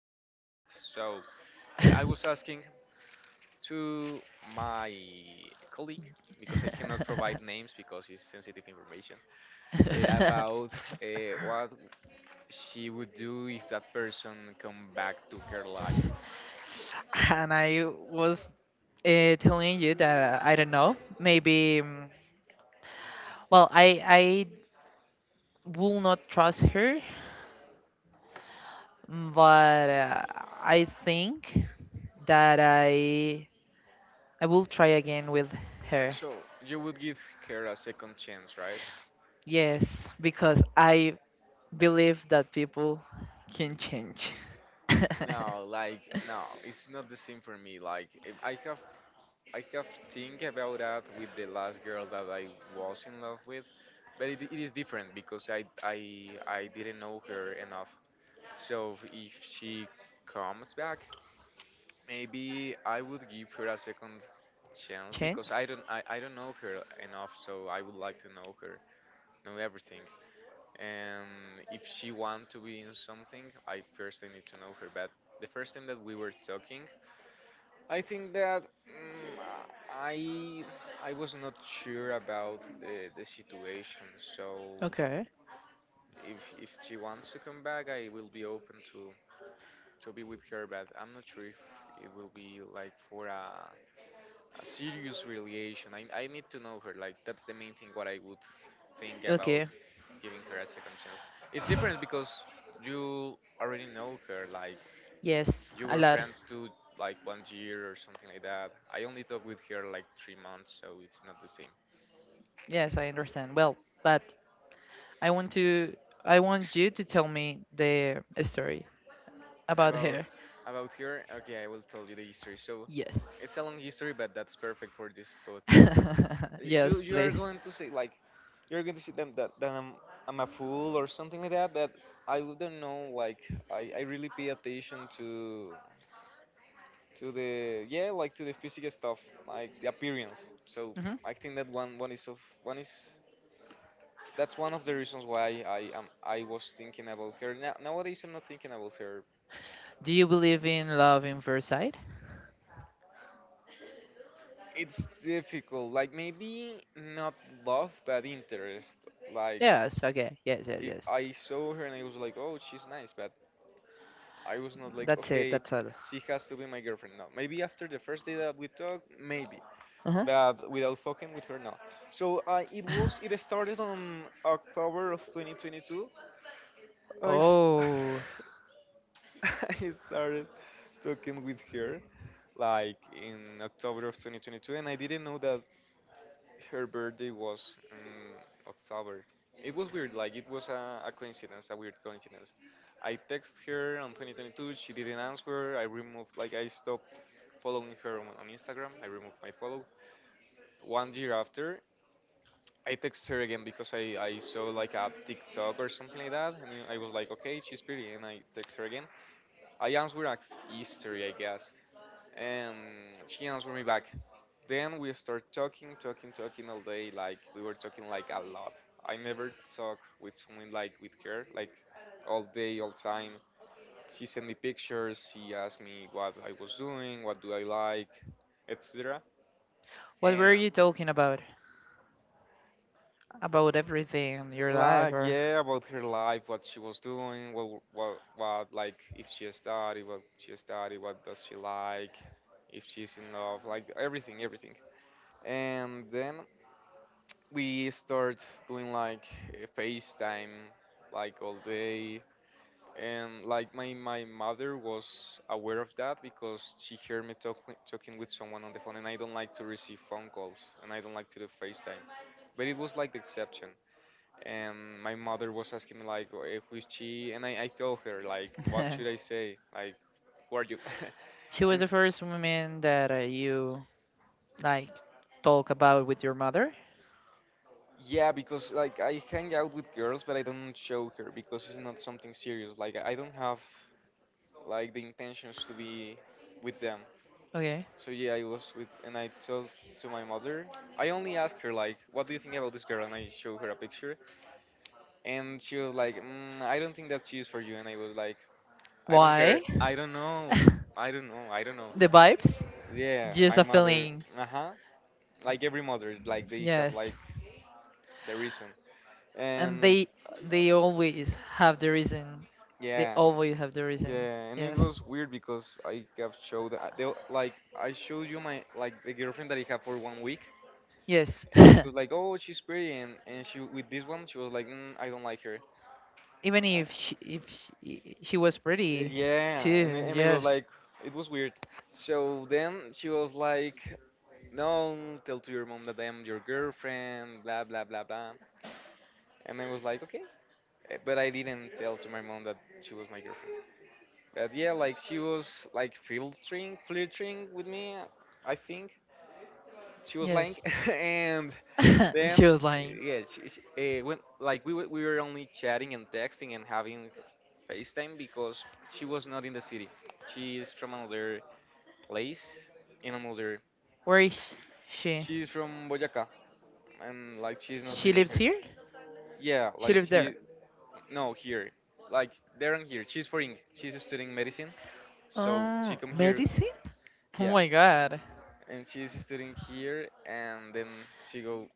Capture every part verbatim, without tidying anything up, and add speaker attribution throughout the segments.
Speaker 1: in any moment. So eh, I was asking to my colleague because I cannot provide names because it's sensitive information eh, about eh, what she would do if that person come back to her life.
Speaker 2: And I was uh, telling you that uh, I don't know, maybe. mm, Well, I I will not trust her, mm, but uh, I think that I I will try again with her.
Speaker 1: So you would give her a second chance, right?
Speaker 2: Yes, because I believe that people can change.
Speaker 1: No, like no, it's not the same for me. Like if I have I have think about that with the last girl that I was in love with, but it, it is different because I I I didn't know her enough. So if she comes back, maybe I would give her a second chance
Speaker 2: Change?
Speaker 1: because I don't I, I don't know her enough, so I would like to know her, know everything. And if she want to be in something, I first I need to know her. But the first time that we were talking, I think that mm, I I was not sure about the the situation. So
Speaker 2: Okay.
Speaker 1: if if she wants to come back, I will be open to to be with her. But I'm not sure if it will be like for a a serious relation. I I need to know her. Like that's the main thing. What I would think about
Speaker 2: Okay.
Speaker 1: giving her a second chance. It's different because you already know her. Like
Speaker 2: Yes,
Speaker 1: you
Speaker 2: a
Speaker 1: were
Speaker 2: lot.
Speaker 1: friends too, like one year or something like that. I only talked with her like three months, so it's not the same.
Speaker 2: Yes, I understand. Well, but I want to I want you to tell me the story about
Speaker 1: About
Speaker 2: her.
Speaker 1: about her, okay, I will tell you the history. So
Speaker 2: Yes.
Speaker 1: it's a long history, but that's perfect for this podcast. You
Speaker 2: Yes,
Speaker 1: you are
Speaker 2: please.
Speaker 1: going to say like you're going to say them that that I'm I'm a fool or something like that, but I wouldn't know. Like I I really pay attention to to the yeah like to the physical stuff like the appearance. So
Speaker 2: hmm
Speaker 1: I think that one one is of one is That's one of the reasons why I am I was thinking about her. Now, nowadays I'm not thinking about her.
Speaker 2: Do you believe in love in first sight?
Speaker 1: It's difficult. Like maybe not love, but interest. Like
Speaker 2: Yes, okay. Yes, yes,
Speaker 1: if
Speaker 2: yes.
Speaker 1: I saw her and I was like, oh, she's nice, but I was not like,
Speaker 2: That's it.
Speaker 1: okay,
Speaker 2: That's all.
Speaker 1: she has to be my girlfriend. No, maybe after the first day that we talk, maybe,
Speaker 2: Uh-huh.
Speaker 1: but without fucking with her, no. So uh, it was. It started on October of twenty twenty-two. I. s-
Speaker 2: Oh,
Speaker 1: I started talking with her like in October of twenty twenty-two, and I didn't know that her birthday was in October. It was weird, like it was a, a coincidence, a weird coincidence. I text her on twenty twenty-two, she didn't answer. I removed, like, I stopped following her on, on Instagram. I removed my follow. One year after, I text her again because I, I saw like a TikTok or something like that, and I was like, okay, she's pretty, and I text her again. I answered a history, I guess. And she answered me back. Then we start talking, talking, talking all day. Like we were talking like a lot. I never talk with someone like with her, like all day, all time. She sent me pictures. She asked me what I was doing, what do I like, et cetera.
Speaker 2: what were
Speaker 1: And
Speaker 2: you talking about? About everything in your life,
Speaker 1: like
Speaker 2: or—?
Speaker 1: yeah, about her life, what she was doing, what what what like if she studied, what she studied, what does she like, if she's in love, like everything, everything. And then we start doing like eh, FaceTime like all day and like my my mother was aware of that because she heard me talk, talking with someone on the phone, and I don't like to receive phone calls and I don't like to do FaceTime, but it was like the exception. And my mother was asking me like, "Oh, eh, who is she?" And I, I told her like, what should I say, like, who are you?
Speaker 2: She was
Speaker 1: And
Speaker 2: the first woman that uh, you like talk about with your mother?
Speaker 1: yeah, because like I hang out with girls, but I don't show her because it's not something serious. Like I don't have like the intentions to be with them.
Speaker 2: Okay.
Speaker 1: So yeah, I was with, and I told to my mother. I only asked her like, "What do you think about this girl?" And I showed her a picture, and she was like, mm, "I don't think that she is for you." And I was like, "I don't care.
Speaker 2: Why?
Speaker 1: I don't know. I don't know. I don't know."
Speaker 2: The vibes.
Speaker 1: Yeah,
Speaker 2: Just
Speaker 1: my
Speaker 2: a
Speaker 1: mother.
Speaker 2: feeling.
Speaker 1: Uh huh. Like every mother, like they have
Speaker 2: Yes.
Speaker 1: like the reason.
Speaker 2: And
Speaker 1: And
Speaker 2: they they always have the reason. They
Speaker 1: yeah.
Speaker 2: always have the reason.
Speaker 1: Yeah, and it
Speaker 2: Yes.
Speaker 1: was weird because I have showed I- they, like I showed you my like the girlfriend that I have for one week,
Speaker 2: Yes.
Speaker 1: and she was like, "Oh, she's pretty," and, and she with this one she was like, mm, "I don't like her."
Speaker 2: Even
Speaker 1: I,
Speaker 2: if she, if she, she was pretty
Speaker 1: yeah, and I-
Speaker 2: too.
Speaker 1: and I was
Speaker 2: Yes.
Speaker 1: like, it was weird. So then she was like, "No, tell to your mom that I am your girlfriend," blah blah blah blah, and I was like, "Okay." Eh, but I didn't tell to my mom that she was my girlfriend. But yeah, like she was like filtering, flirting with me, I think she was lying.
Speaker 2: Yes.
Speaker 1: And
Speaker 2: She
Speaker 1: then uh,
Speaker 2: was lying.
Speaker 1: yeah she, she, uh, when like we, were- we were only chatting and texting and having facetime because she was not in the city. She is from another place in another.
Speaker 2: Where is she?
Speaker 1: She is from boyaca and like she's not
Speaker 2: She
Speaker 1: living
Speaker 2: lives
Speaker 1: here.
Speaker 2: here.
Speaker 1: Yeah
Speaker 2: She
Speaker 1: like
Speaker 2: lives there.
Speaker 1: she No, here, like there and here, she's foreign, she's studying medicine, so she
Speaker 2: Oh,
Speaker 1: come here.
Speaker 2: medicine. Oh
Speaker 1: Yeah,
Speaker 2: my god.
Speaker 1: and she's studying here, and then she go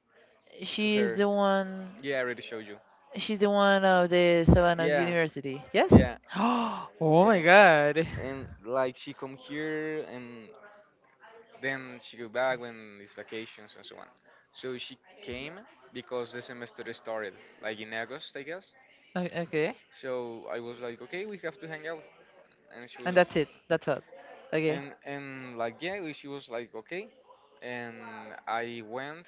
Speaker 1: to
Speaker 2: she's
Speaker 1: her.
Speaker 2: the one
Speaker 1: Yeah, I already showed you.
Speaker 2: She's the one of the Savannah's
Speaker 1: Yeah.
Speaker 2: University. Yes?
Speaker 1: Yeah,
Speaker 2: Oh my
Speaker 1: Yeah,
Speaker 2: god.
Speaker 1: and like she come here and then she go back when it's vacations and so on. So she came because the semester started like in August, I guess.
Speaker 2: O- Okay.
Speaker 1: So I was like, okay, we have to hang out, and she
Speaker 2: And
Speaker 1: was,
Speaker 2: that's it. That's all. Okay.
Speaker 1: and and like yeah, she was like okay, and I went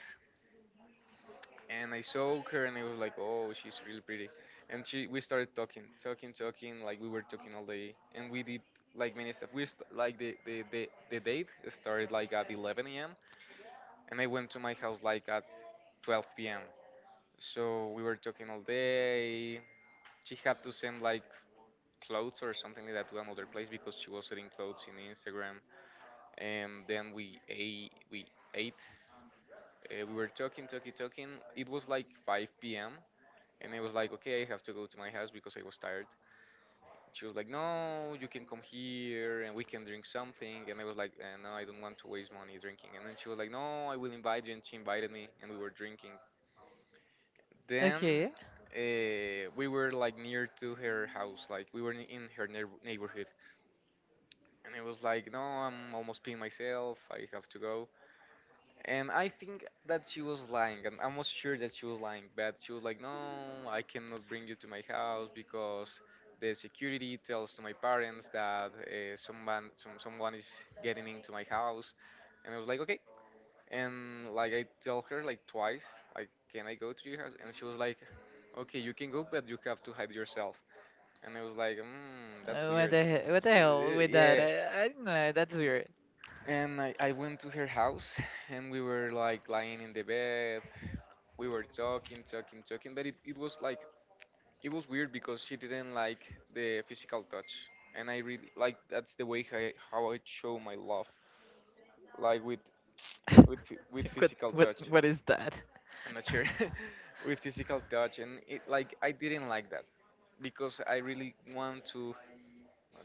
Speaker 1: and I saw her and I was like, oh, she's really pretty. And she, we started talking, talking, talking, like we were talking all day, and we did like many stuff. We st- like the, the the the date started like at eleven a m and I went to my house like at twelve p m. So we were talking all day. She had to send like clothes or something like that to another place because she was selling clothes in Instagram. And then we ate, we ate. Uh, we were talking, talking, talking. It was like five p m. And I was like, okay, I have to go to my house because I was tired. She was like, no, you can come here and we can drink something. And I was like, uh, no, I don't want to waste money drinking. And then she was like, no, I will invite you. And she invited me and we were drinking. Then
Speaker 2: Okay.
Speaker 1: uh, we were like near to her house, like we were in her neighbor- neighborhood. And I was like, no, I'm almost peeing myself. I have to go. And I think that she was lying. I'm almost sure that she was lying, but she was like, "No, I cannot bring you to my house because the security tells to my parents that uh, someone some, someone is getting into my house." And I was like, "Okay." And like I tell her like twice, like, "Can I go to your house?" And she was like, "Okay, you can go, but you have to hide yourself." And I was like, "Hmm, that's
Speaker 2: Uh, what
Speaker 1: weird."
Speaker 2: the hell, what the
Speaker 1: So,
Speaker 2: hell
Speaker 1: uh,
Speaker 2: with that?
Speaker 1: yeah.
Speaker 2: I, I don't know. That's weird.
Speaker 1: And I, I went to her house and we were like lying in the bed, we were talking, talking, talking, but it, it was like it was weird because she didn't like the physical touch, and I really like that's the way I, how I show my love, like with with phy- with
Speaker 2: what
Speaker 1: physical
Speaker 2: what
Speaker 1: touch.
Speaker 2: what is that?
Speaker 1: I'm not sure with physical touch, and it like I didn't like that because I really want to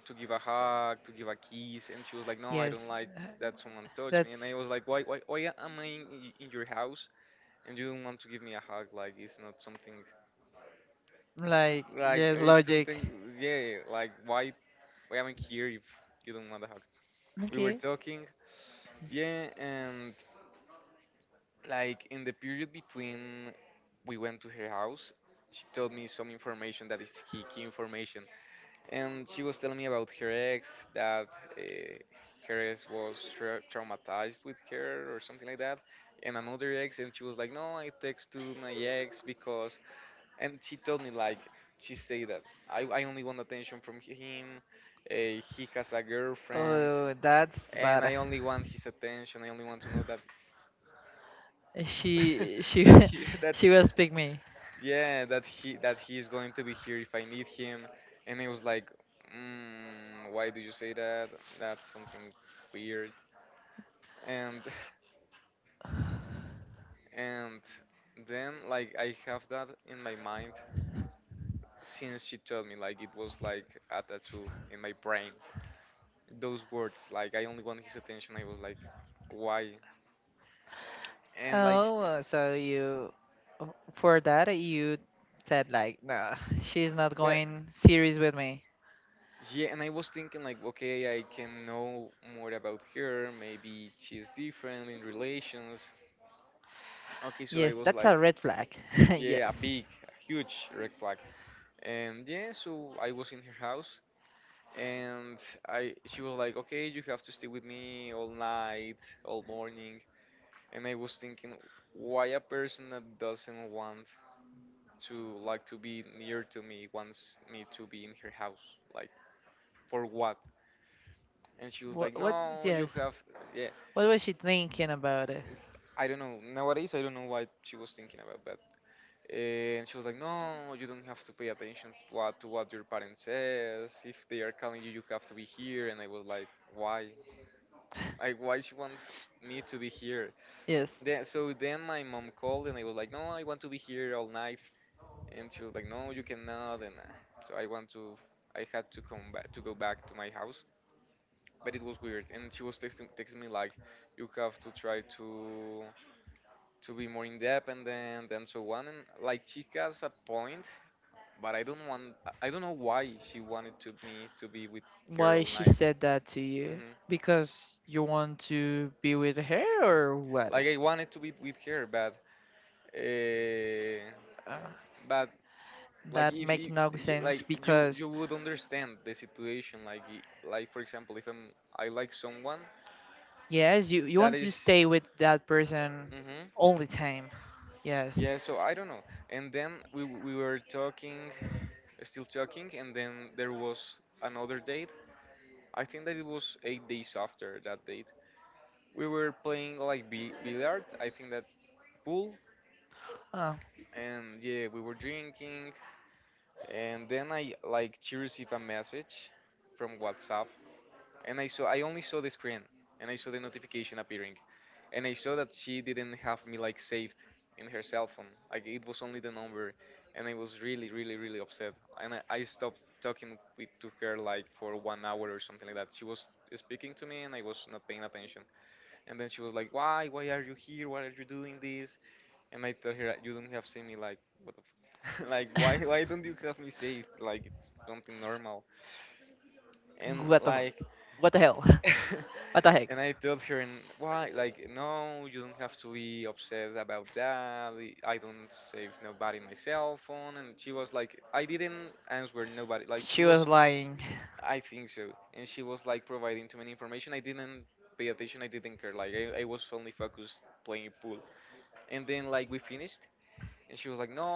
Speaker 1: to give a hug, to give a kiss, and she was like, no, I don't
Speaker 2: Yes.
Speaker 1: like
Speaker 2: uh,
Speaker 1: that someone touched me, and I
Speaker 2: That's
Speaker 1: was like, why why why am I in, y- in your house and you don't want to give me a hug? Like it's not something.
Speaker 2: like,
Speaker 1: Like
Speaker 2: yes,
Speaker 1: it's
Speaker 2: logic.
Speaker 1: something, yeah. Like why why am I here if you don't want a hug? We were
Speaker 2: Okay.
Speaker 1: talking, yeah, and like in the period between we went to her house, she told me some information that is key key information. And she was telling me about her ex that uh, her ex was tra- traumatized with her or something like that, and another ex. And she was like, no, I text to my ex because and she told me like she said that I, I only want attention from him. Uh, he has a girlfriend,
Speaker 2: Oh, that's
Speaker 1: and
Speaker 2: bad.
Speaker 1: I only want his attention. I only want to know that
Speaker 2: She she
Speaker 1: that he that,
Speaker 2: she will speak me.
Speaker 1: yeah, that he that he is going to be here if I need him. And I was like, mm, why do you say that? That's something weird. And and then, like, I have that in my mind since she told me, like it was like a tattoo in my brain, those words. Like, I only want his attention. I was like, why? And like,
Speaker 2: Oh, so you for that you said like, no, she's not
Speaker 1: but
Speaker 2: going serious with me.
Speaker 1: yeah, and I was thinking like, okay, I can know more about her. Maybe she's different in relations. Okay, so I
Speaker 2: Yes,
Speaker 1: was
Speaker 2: that's
Speaker 1: like,
Speaker 2: a red flag.
Speaker 1: yeah, a
Speaker 2: Yes.
Speaker 1: big, a huge red flag. And yeah, so I was in her house, and I she was like, okay, you have to stay with me all night, all morning. And I was thinking, why a person that doesn't want to, like, to be near to me wants me to be in her house, like, for what? And she was like,
Speaker 2: What what
Speaker 1: no, you
Speaker 2: Yes.
Speaker 1: have, yeah.
Speaker 2: What was she thinking about it?
Speaker 1: I don't know. Nowadays I don't know what she was thinking about, but and she was like, no, you don't have to pay attention to what to what your parents says. If they are calling you you have to be here. And I was like, why? Like, why she wants me to be here?
Speaker 2: Yes.
Speaker 1: Then, so then, my mom called, and I was like, no, I want to be here all night. And she was like, no, you cannot. And uh, so I want to, I had to come back to go back to my house. But it was weird, and she was texting, texting me like, you have to try to to be more independent, and then and so on. And like, she has a point, but I don't want, i I don't know why she wanted to me to be with her
Speaker 2: Why
Speaker 1: all
Speaker 2: she
Speaker 1: night.
Speaker 2: said that to you?
Speaker 1: hmm
Speaker 2: Because you want to be with her or what?
Speaker 1: like, I wanted to be with her, but uh,
Speaker 2: Uh,
Speaker 1: but like,
Speaker 2: That
Speaker 1: if
Speaker 2: make
Speaker 1: you,
Speaker 2: no
Speaker 1: y-
Speaker 2: sense
Speaker 1: like you you
Speaker 2: because
Speaker 1: would understand the situation. Like, i- like, for example, if I'm, I like someone
Speaker 2: yes, you you
Speaker 1: that
Speaker 2: want to
Speaker 1: is,
Speaker 2: stay with that person
Speaker 1: mm-hmm,
Speaker 2: all the time. Yes.
Speaker 1: yeah. So I don't know. And then we w- we were talking, still talking, and then there was another date. I think that it was eight days after that date. We were playing like bi- billiard, I think that. Pool.
Speaker 2: Oh.
Speaker 1: And yeah, we were drinking. And then, I like, she received a message from WhatsApp, and I saw, I only saw the screen. And I saw the notification appearing, and I saw that she didn't have me, like, saved in her cell phone. Like, it was only the number, and I was really, really, really upset. And I, I stopped talking with to her, like, for one hour or something like that. She was speaking to me, and I was not paying attention. And then she was like, "Why? Why are you here? Why are you doing this?" And I told her, "You don't have seen me, like, what the." F- like, why why don't you have me saved? Like, it's something normal. And
Speaker 2: what the fu-
Speaker 1: like
Speaker 2: what the hell? What the heck?
Speaker 1: and I told her, and why? Like, no, you don't have to be upset about that. I I don't save nobody my cell phone. And she was like, I didn't answer nobody. Like, she
Speaker 2: She was
Speaker 1: was,
Speaker 2: lying.
Speaker 1: I think so. And she was like providing too many information. I didn't pay attention. I didn't care. Like, I, I was only focused playing pool. And then, like, we finished, and she was like, no.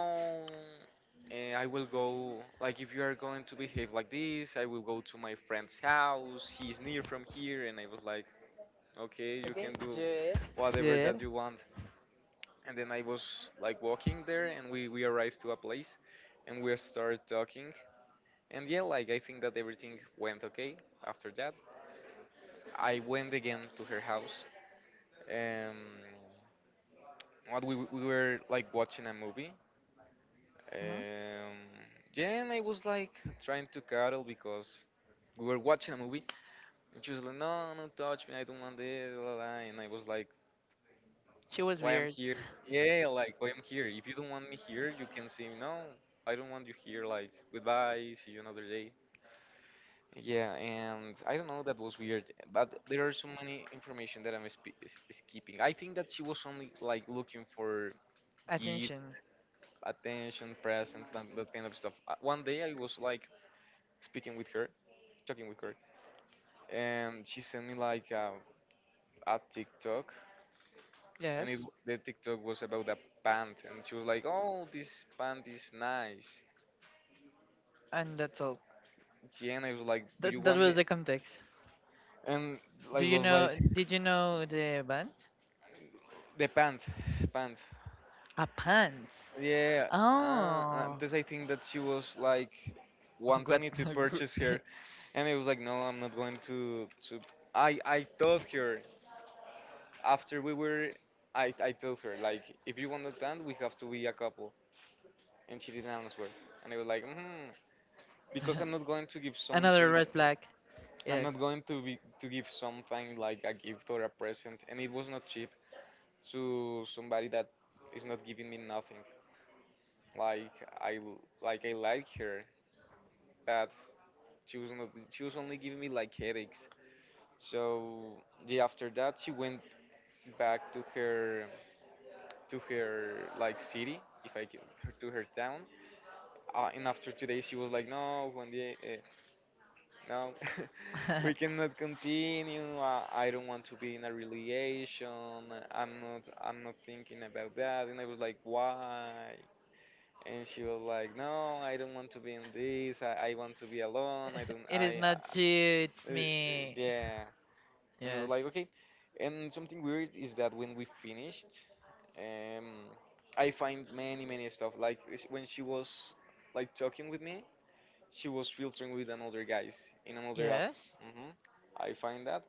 Speaker 1: eh, I will go, like, if you are going to behave like this, I will go to my friend's house. He's near from here. And I was like, okay, you
Speaker 2: Okay,
Speaker 1: can do
Speaker 2: do it. Do
Speaker 1: whatever
Speaker 2: it.
Speaker 1: that you want. And then I was like walking there, and we we arrived to a place, and we started talking. And yeah, like, I think that everything went okay. After that, I went again to her house, um what we, we were, like, watching a movie,
Speaker 2: hmm
Speaker 1: um yeah. And I was like trying to cuddle because we were watching a movie. And she was like, no, no, touch me, I don't want this, blah, blah, blah. And I was like,
Speaker 2: She was
Speaker 1: why I'm
Speaker 2: weird.
Speaker 1: here? Yeah, like, why I'm here? If you don't want me here, you can say no. I don't want you here. Like, goodbye, see you another day. Yeah, and I don't know. That was weird. But there are so many information that I'm sp- is- skipping. I think that she was only, like, looking for gifts,
Speaker 2: Attention.
Speaker 1: attention, presents, that, that kind of stuff. Uh, One day I was like speaking with her, talking with her, and she sent me, like, a, a TikTok. And it
Speaker 2: Yes.
Speaker 1: the TikTok was about a pant, and she was like, "Oh, this pant is nice."
Speaker 2: And that's all.
Speaker 1: Jenna was like, "Do you
Speaker 2: That that
Speaker 1: want
Speaker 2: was
Speaker 1: it?"
Speaker 2: the context.
Speaker 1: And,
Speaker 2: Do
Speaker 1: like,
Speaker 2: you
Speaker 1: was like
Speaker 2: know? Did you know the band?
Speaker 1: the pant, pant.
Speaker 2: A pant.
Speaker 1: Yeah, uh, uh,
Speaker 2: Oh.
Speaker 1: because I think that she was like wanting
Speaker 2: What?
Speaker 1: me to purchase her. And I was like, "No, I'm not going to." To I I told her, after we were, I I told her like, if you want the pant, we have to be a couple, and she didn't answer. And I was like, hmm, because I'm not going to give
Speaker 2: Another
Speaker 1: something.
Speaker 2: red flag.
Speaker 1: I'm not
Speaker 2: Yes.
Speaker 1: going to be to give something like a gift or a present, and it was not cheap to somebody that is not giving me nothing. Like I like I like her, but she was not. She was only giving me like headaches. So yeah, after that she went back to her to her like city, if I can, to her town. Uh, and after today she was like, no, Juan Diego. No, we cannot continue. I, I don't want to be in a relation. I'm not. I'm not thinking about that." And I was like, "Why?" And she was like, "No, I don't want to be in this. I, I want to be alone. I don't.
Speaker 2: It
Speaker 1: I,
Speaker 2: is
Speaker 1: I
Speaker 2: not you. It's
Speaker 1: uh,
Speaker 2: me.
Speaker 1: yeah." And I was
Speaker 2: Yes.
Speaker 1: like, "Okay." And something weird is that when we finished, um, I find many many stuff. Like it's- when she was like talking with me, she was filtering with another guys in another app.
Speaker 2: Yes.
Speaker 1: hmm I find that,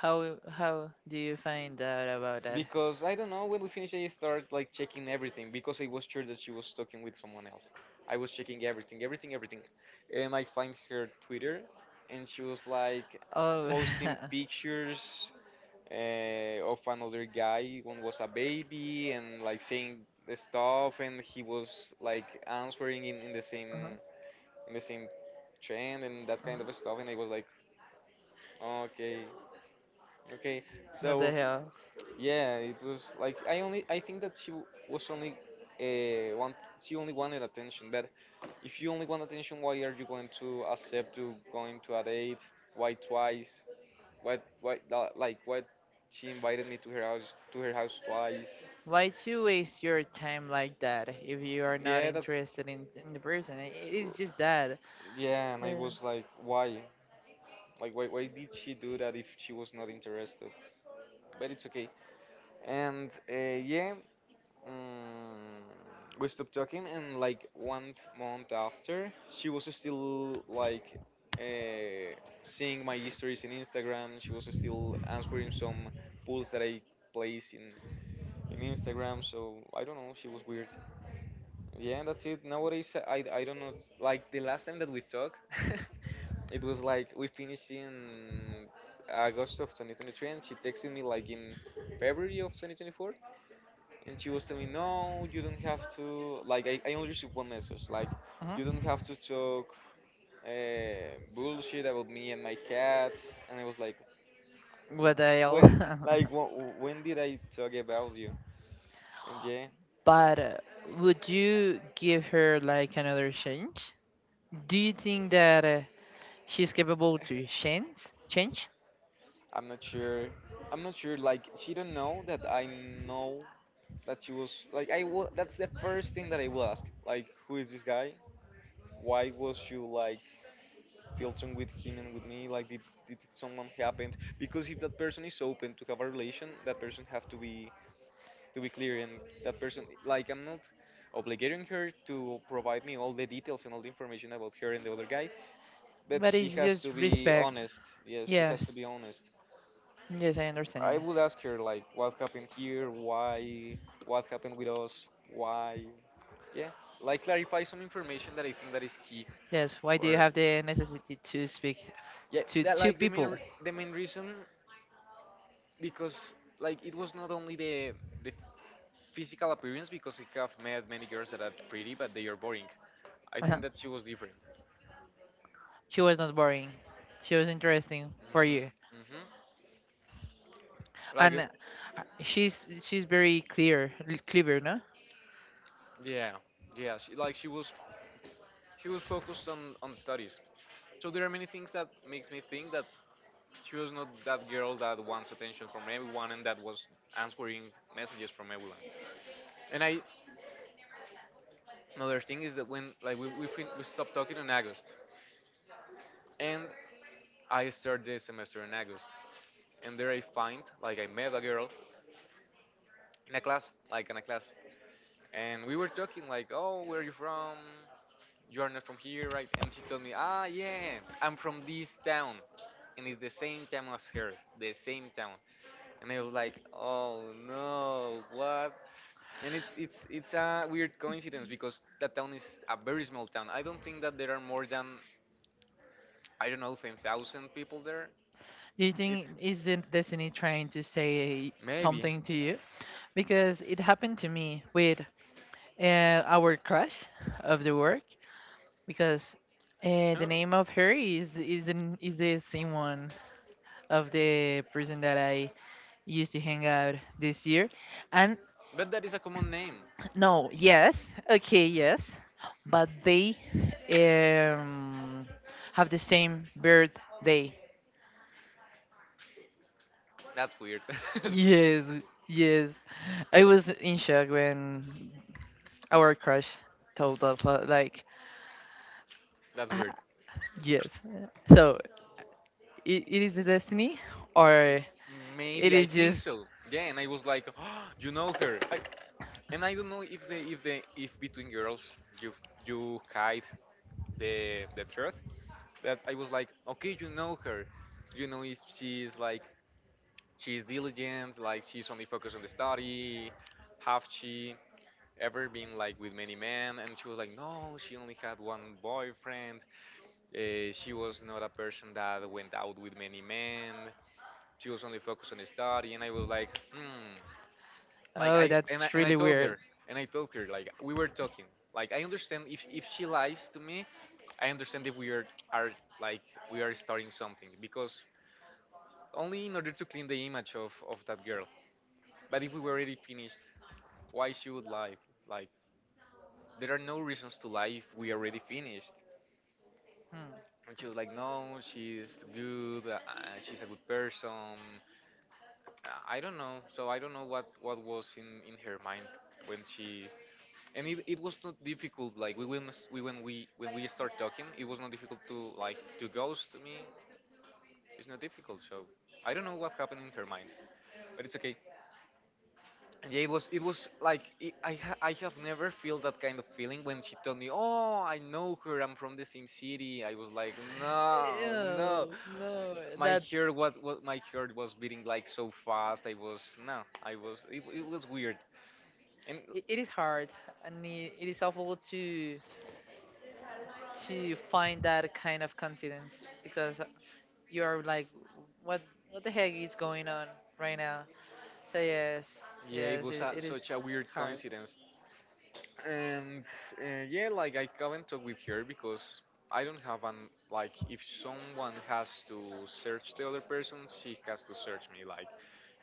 Speaker 2: How how do you find out about that?
Speaker 1: because I don't know, when we finished, I started like checking everything because I was sure that she was talking with someone else. I was checking everything, everything, everything, and I find her Twitter, and she was like
Speaker 2: Oh.
Speaker 1: posting pictures, uh, of another guy. One was a baby and like saying the stuff, and he was like answering in, in the same
Speaker 2: Uh-huh.
Speaker 1: in the same trend and that
Speaker 2: Uh-huh.
Speaker 1: kind of stuff. And I was like, okay, okay.
Speaker 2: What the
Speaker 1: So
Speaker 2: hell?
Speaker 1: yeah, it was like I only I think that she w- was only uh, want she only wanted attention. But if you only want attention, why are you going to accept to going to a date? Why twice? Why why la- like, why she invited me to her house to her house twice?
Speaker 2: Why to waste your time like that if you are not
Speaker 1: Yeah, that's
Speaker 2: interested in, in the person? I- It is just that.
Speaker 1: yeah. And I
Speaker 2: Yeah.
Speaker 1: was like, why? Like why why did she do that if she was not interested? But it's okay. And uh, yeah, Mm, we stopped talking. And like one month after, she was still like uh, seeing my histories in Instagram. She was still answering some polls that I place in in Instagram. So I don't know. She was weird. Yeah, that's it. Nowadays, I I don't know. Like the last time that we talked, it was like we finished in August of twenty twenty-three, and she texted me like in February of twenty twenty-four. And she was telling me, no, you don't have to, like, i, I only received one message like,
Speaker 2: Uh-huh.
Speaker 1: you don't have to talk uh, bullshit about me and my cats. And I was like
Speaker 2: What the hell?
Speaker 1: when, like wh- when did I talk about you? And yeah,
Speaker 2: But uh, would you give her like another chance? Do you think that uh, she's capable to change? Change?
Speaker 1: I'm not sure. I'm not sure, like, she don't know that I know. That she was like, I will, that's the first thing that I will ask, like, who is this guy? Why was you like filtering with him and with me? Like, did, did someone happen? Because if that person is open to have a relation, that person have to be to be clear. And that person, like, I'm not obligating her to provide me all the details and all the information about her and the other guy, but
Speaker 2: But
Speaker 1: she
Speaker 2: it's
Speaker 1: has to
Speaker 2: just
Speaker 1: be
Speaker 2: respect.
Speaker 1: honest. Yes, she has to
Speaker 2: Yes.
Speaker 1: be honest.
Speaker 2: Yes, I
Speaker 1: I
Speaker 2: understand.
Speaker 1: would ask her, like, what happened here,
Speaker 2: You.
Speaker 1: why, what happened with us, why? Yeah, like, clarify some information that I think that is key.
Speaker 2: Yes. Why do you
Speaker 1: Or
Speaker 2: have the necessity to speak
Speaker 1: yeah,
Speaker 2: to
Speaker 1: that,
Speaker 2: two
Speaker 1: like, the main
Speaker 2: people?
Speaker 1: r- the main reason. Because like it was not only the the physical appearance, because I have met many girls that are pretty but they are boring. I
Speaker 2: Uh-huh.
Speaker 1: think that she was different.
Speaker 2: She was not boring. She was interesting for you.
Speaker 1: hmm hmm Like
Speaker 2: And uh,
Speaker 1: uh,
Speaker 2: she's she's very clear l- clever, no?
Speaker 1: yeah, yeah. She like she was she was focused on on the studies. So there are many things that makes me think that she was not that girl that wants attention from everyone and that was answering messages from everyone. And I Another thing is that when like we we, fin- we stopped talking in August, and I start the semester in August. And there I find like I met a girl in a class, like in a class, and we were talking like, "Oh, where are you from? You are not from here, right?" And she told me, "Ah, yeah, I'm from this town, and it's the same town as her, the same town." And I was like, "Oh no, what?" And it's it's it's a weird coincidence because that town is a very small town. I don't think that there are more than, I don't know, ten thousand people there.
Speaker 2: Do you think
Speaker 1: It's
Speaker 2: isn't destiny trying to say
Speaker 1: maybe,
Speaker 2: something to you? Because it happened to me with uh, our crush of the work. Because uh, the
Speaker 1: huh?
Speaker 2: name of her is is an, is the same one of the person that I used to hang out this year, and
Speaker 1: But that is a common name.
Speaker 2: no, yes, okay, yes, but they um, have the same birthday.
Speaker 1: That's weird.
Speaker 2: Yes, yes. I was in shock when our crush told us, li- like,
Speaker 1: That's
Speaker 2: "Ah,
Speaker 1: weird.
Speaker 2: yes." So it, it is the destiny,
Speaker 1: M-
Speaker 2: or it
Speaker 1: Maybe, I
Speaker 2: is
Speaker 1: think
Speaker 2: just,
Speaker 1: so. Yeah, and I was like, oh, you know her. I, and I don't know if the if the if between girls you you hide the the truth. But I was like, okay, you know her. You know if she is like she's diligent, like she's only focused on the study. Have she ever been like with many men? And she was like, no, she only had one boyfriend. Uh, she was not a person that went out with many men, she was only focused on the study, and I was like, hmm, like
Speaker 2: oh,
Speaker 1: I and I,
Speaker 2: that's
Speaker 1: and I
Speaker 2: really
Speaker 1: told
Speaker 2: weird.
Speaker 1: her, and I told her like we were talking, like I understand if if she lies to me. I understand if we are are like we are starting something because only in order to clean the image of of that girl. But if we were already finished, why she would lie? Like there are no reasons to lie if we already finished.
Speaker 2: Hmm.
Speaker 1: And she was like, no, she's good, uh, she's a good person. Uh, I don't know. So I don't know what what was in in her mind when she. And it, it was not difficult. Like we when we when we when we start talking, it was not difficult to like to ghost me. It's not difficult. So I don't know what happened in her mind, but it's okay. And yeah, it was it was like it, I ha- I have never felt that kind of feeling when she told me, "Oh, I know her. I'm from the same city." I was like, "No, no."
Speaker 2: Oh, no,
Speaker 1: My
Speaker 2: that
Speaker 1: heart, what what my heart was beating like so fast. I was no, I was it, it was weird. And
Speaker 2: it, it is hard, and it, it is awful to to find that kind of coincidence because you are like, what what the heck is going on right now? So yes,
Speaker 1: yeah, it
Speaker 2: yes,
Speaker 1: was
Speaker 2: it,
Speaker 1: a,
Speaker 2: it is
Speaker 1: such a weird
Speaker 2: hard.
Speaker 1: coincidence. And uh, yeah, like I haven't talked with her because I don't have an. Like if someone has to search the other person, she has to search me, like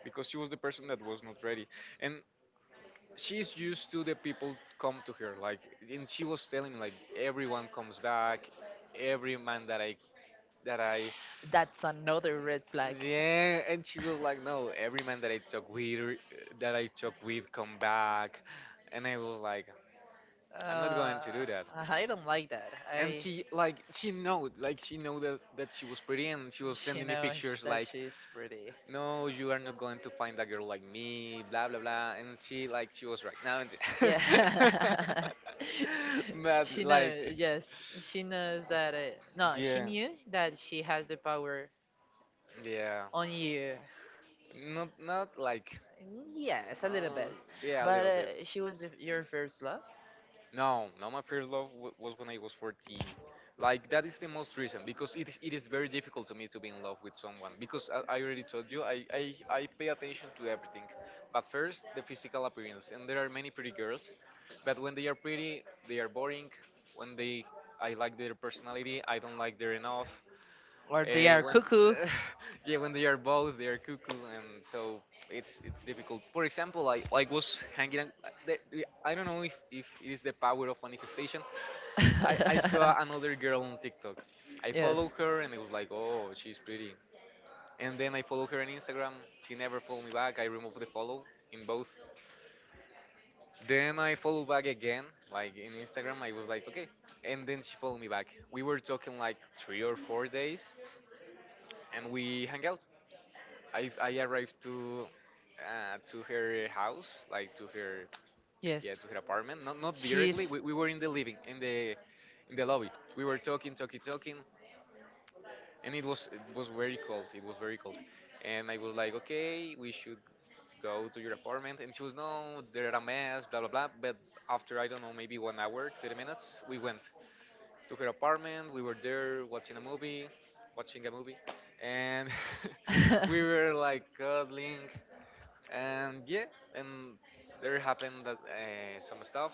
Speaker 1: because she was the person that was not ready. And she's used to the people come to her, like. And she was telling me, like, everyone comes back, every man that I that I
Speaker 2: That's another red flag.
Speaker 1: Yeah, and she was like, "No, every man that I talk with, re- that I talk with, come back," and I was like, "I'm not
Speaker 2: Uh,
Speaker 1: going to do that."
Speaker 2: I don't like that.
Speaker 1: And
Speaker 2: I
Speaker 1: she like she know, like she know that that she was pretty, and she was
Speaker 2: She
Speaker 1: sending me
Speaker 2: knows
Speaker 1: pictures
Speaker 2: that
Speaker 1: like,
Speaker 2: she's pretty.
Speaker 1: "No, you are not going to find a girl like me," blah blah blah, and she like she was right now. And
Speaker 2: Yeah.
Speaker 1: but
Speaker 2: She knows.
Speaker 1: like,
Speaker 2: Yes, she knows that. It, no, she
Speaker 1: yeah,
Speaker 2: knew that she has the power
Speaker 1: yeah,
Speaker 2: on you.
Speaker 1: not not like,
Speaker 2: Yes, a little
Speaker 1: uh,
Speaker 2: bit.
Speaker 1: yeah, a
Speaker 2: But
Speaker 1: little bit.
Speaker 2: uh, she was the, your first love,
Speaker 1: No, no, my first love w- was when I was fourteen. Like that is the most recent because it is, it is very difficult to me to be in love with someone because I, I already told you I, I I pay attention to everything, but first the physical appearance, and there are many pretty girls, but when they are pretty they are boring. When they I like their personality, I don't like their enough.
Speaker 2: or they
Speaker 1: Uh,
Speaker 2: are
Speaker 1: when
Speaker 2: cuckoo.
Speaker 1: yeah, when they are both, they are cuckoo, and so it's it's difficult. For example, I like was hanging out. uh, the- the- I don't know if if it is the power of manifestation. I I saw another girl on TikTok. I follow
Speaker 2: Yes.
Speaker 1: her, and I was like, oh, she's pretty. And then I follow her on Instagram. She never followed me back. I removed the follow in both. Then I follow back again, like in Instagram. I was like, okay. And then she followed me back. We were talking like three or four days, and we hang out. I I arrived to uh, to her house, like to her, yeah,
Speaker 2: Yes.
Speaker 1: to her apartment. Not not directly.
Speaker 2: She's.
Speaker 1: We, we were in the living, in the in the lobby. We were talking, talking, talking, and it was it was very cold. It was very cold, and I was like, okay, we should go to your apartment. And she was no, there are a mess, blah blah blah. But after, I don't know, maybe one hour, thirty minutes, we went to her apartment. We were there watching a movie, watching a movie, and we were like cuddling, and yeah, and there happened that uh, some stuff.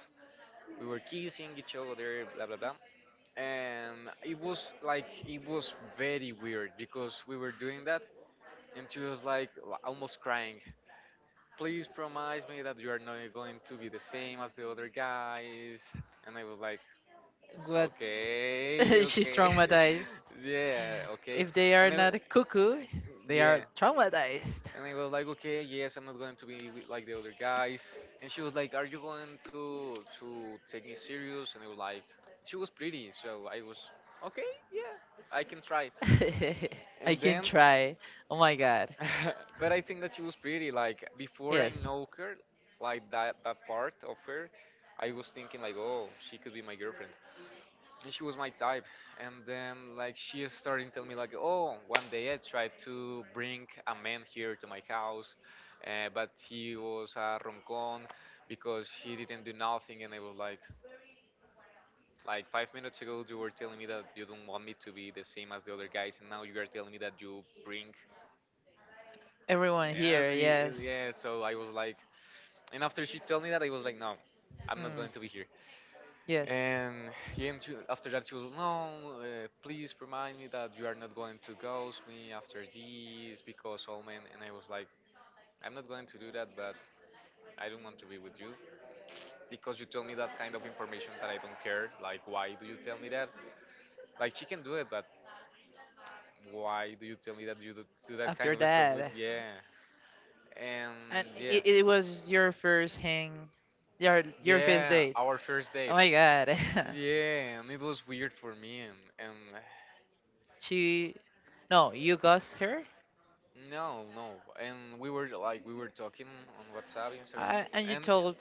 Speaker 1: We were kissing each other, blah blah blah, and it was like it was very weird because we were doing that, and she was like l- almost crying, please promise me that you are not going to be the same as the other guys. And I was like,
Speaker 2: But
Speaker 1: okay,
Speaker 2: she's
Speaker 1: okay.
Speaker 2: traumatized.
Speaker 1: Yeah, okay.
Speaker 2: If they are
Speaker 1: And then,
Speaker 2: not cuckoo, they are
Speaker 1: yeah.
Speaker 2: traumatized.
Speaker 1: And I was like, okay, yes, I'm not going to be wi- like the other guys. And she was like, are you going to to take me serious? And I was like, she was pretty, so I was okay, yeah, I can try.
Speaker 2: I
Speaker 1: And
Speaker 2: can
Speaker 1: then,
Speaker 2: try. Oh my god.
Speaker 1: but I think that she was pretty. Like before I
Speaker 2: Yes.
Speaker 1: know her, like that that part of her, I was thinking like, oh, she could be my girlfriend, and she was my type. And then like she started telling me like, oh, one day I tried to bring a man here to my house, uh, but he was a roncon because he didn't do nothing. And I was like like five minutes ago you were telling me that you don't want me to be the same as the other guys, and now you are telling me that you bring.
Speaker 2: Everyone
Speaker 1: And
Speaker 2: here,
Speaker 1: the-
Speaker 2: yes.
Speaker 1: yeah, so I was like, and after she told me that, I was like, no, I'm not
Speaker 2: Hmm.
Speaker 1: going to be here.
Speaker 2: Yes.
Speaker 1: And he and you, after that you will know. Uh, please remind me that you are not going to ghost me after this because all men. And I was like, I'm not going to do that, but I don't want to be with you because you told me that kind of information that I don't care. Like, why do you tell me that? Like, she can do it, but why do you tell me that you do, do that kind
Speaker 2: After
Speaker 1: of stuff with?
Speaker 2: that,
Speaker 1: Yeah,
Speaker 2: and
Speaker 1: and yeah,
Speaker 2: it, it was your first hang, your your first
Speaker 1: yeah,
Speaker 2: date.
Speaker 1: our first
Speaker 2: Oh
Speaker 1: date.
Speaker 2: my god.
Speaker 1: Yeah, and it was weird for me, and, and
Speaker 2: she, no, you ghost her.
Speaker 1: no, no. And we were like we were talking on WhatsApp, Instagram,
Speaker 2: I, and you
Speaker 1: and
Speaker 2: told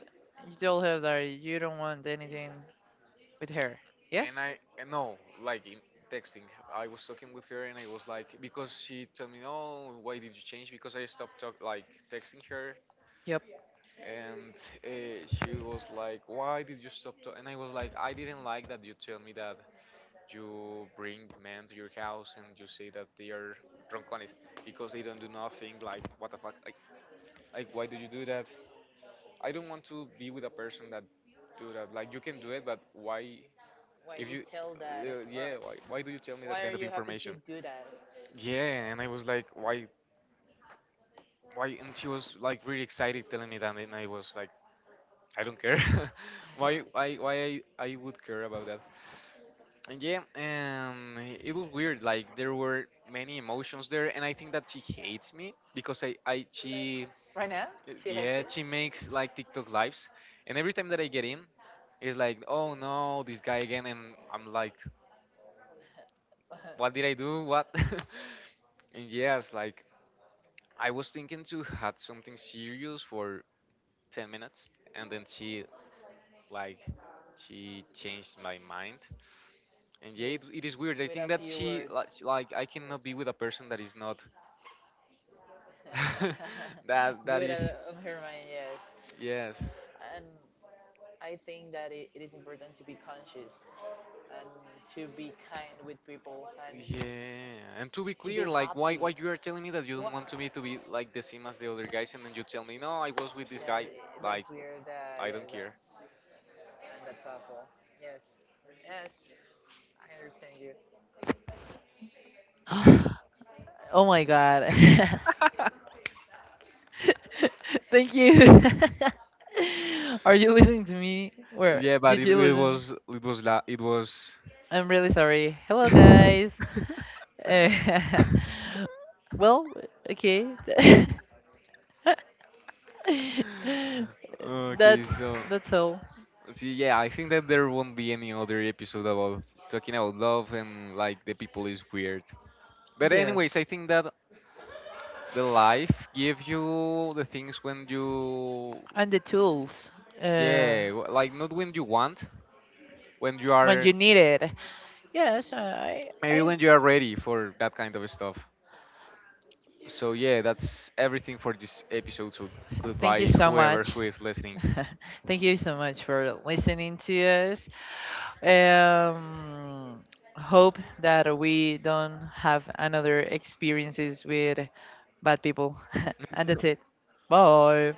Speaker 2: you told her that you don't want anything with her. Yes.
Speaker 1: and I and no, like in texting. I was talking with her and I was like because she told me, "Oh, why did you change?" Because I stopped talk, like texting her,
Speaker 2: Yep.
Speaker 1: and uh, she was like, "Why did you stop?" To? And I was like, "I didn't like that you tell me that you bring men to your house and you say that they are drunk on because they don't do nothing. Like, what the fuck? Like, like why did you do that? I don't want to be with a person that do that. Like you can do it, but why?
Speaker 2: Why
Speaker 1: If
Speaker 2: you
Speaker 1: you,
Speaker 2: tell that,
Speaker 1: uh, yeah,
Speaker 2: or
Speaker 1: why, why do you tell me that
Speaker 2: why are
Speaker 1: kind of
Speaker 2: you happy to
Speaker 1: information?"
Speaker 2: do that?
Speaker 1: Yeah, and I was like, why, why? And she was like really excited telling me that, and I was like, I don't care. why, why, why I, I would care about that? And yeah, um, it was weird. Like there were many emotions there, and I think that she hates me because I, I, she
Speaker 2: Right now,
Speaker 1: Y-
Speaker 2: she hates
Speaker 1: Yeah,
Speaker 2: it.
Speaker 1: she makes like TikTok lives, and every time that I get in, it's like, oh no, this guy again, and I'm like, what did I do? What? And yes, like I was thinking to had something serious for ten minutes, and then she like she changed my mind. And yeah, it,
Speaker 2: Just
Speaker 1: it is weird. I
Speaker 2: with
Speaker 1: think
Speaker 2: a
Speaker 1: that
Speaker 2: few
Speaker 1: she
Speaker 2: words.
Speaker 1: like, she- like I cannot be
Speaker 2: Yes.
Speaker 1: with a person that is not that that
Speaker 2: Good
Speaker 1: is,
Speaker 2: at- on her mind, yes.
Speaker 1: yes.
Speaker 2: And I think that it, it is important to be conscious and to be kind with people and
Speaker 1: Yeah, and to be
Speaker 2: to
Speaker 1: clear,
Speaker 2: be
Speaker 1: like why
Speaker 2: happy.
Speaker 1: why you are telling me that you don't
Speaker 2: What?
Speaker 1: want to me to be like the same as the other guys, and then you tell me no, I was with this
Speaker 2: Yeah,
Speaker 1: guy.
Speaker 2: it-
Speaker 1: Like
Speaker 2: that's weird. Uh,
Speaker 1: I
Speaker 2: yeah,
Speaker 1: don't
Speaker 2: that's
Speaker 1: care.
Speaker 2: and that's awful. Yes. Yes, I understand you. Oh my god. Thank you. Are you listening to me? Where
Speaker 1: Yeah, but
Speaker 2: did
Speaker 1: it,
Speaker 2: you
Speaker 1: it
Speaker 2: listen?
Speaker 1: was it was la it was.
Speaker 2: I'm really sorry. Hello, guys. Eh, well, okay. that's
Speaker 1: Okay, so
Speaker 2: that's all.
Speaker 1: see, yeah, I think that there won't be any other episode about talking about love and like the people is weird. But
Speaker 2: Yes,
Speaker 1: anyways, I think that the life gives you the things when you.
Speaker 2: and the tools uh,
Speaker 1: Yeah, w- like not when you want, when you
Speaker 2: when
Speaker 1: are,
Speaker 2: you need it. Yes, I
Speaker 1: maybe
Speaker 2: I
Speaker 1: when you are ready for that kind of stuff. So yeah, that's everything for this episode. So
Speaker 2: thank you
Speaker 1: goodbye,
Speaker 2: so
Speaker 1: whoever
Speaker 2: much.
Speaker 1: who is listening.
Speaker 2: Thank you so much for listening to us. Um, Hope that we don't have another experiences with bad people. And that's it. Bye.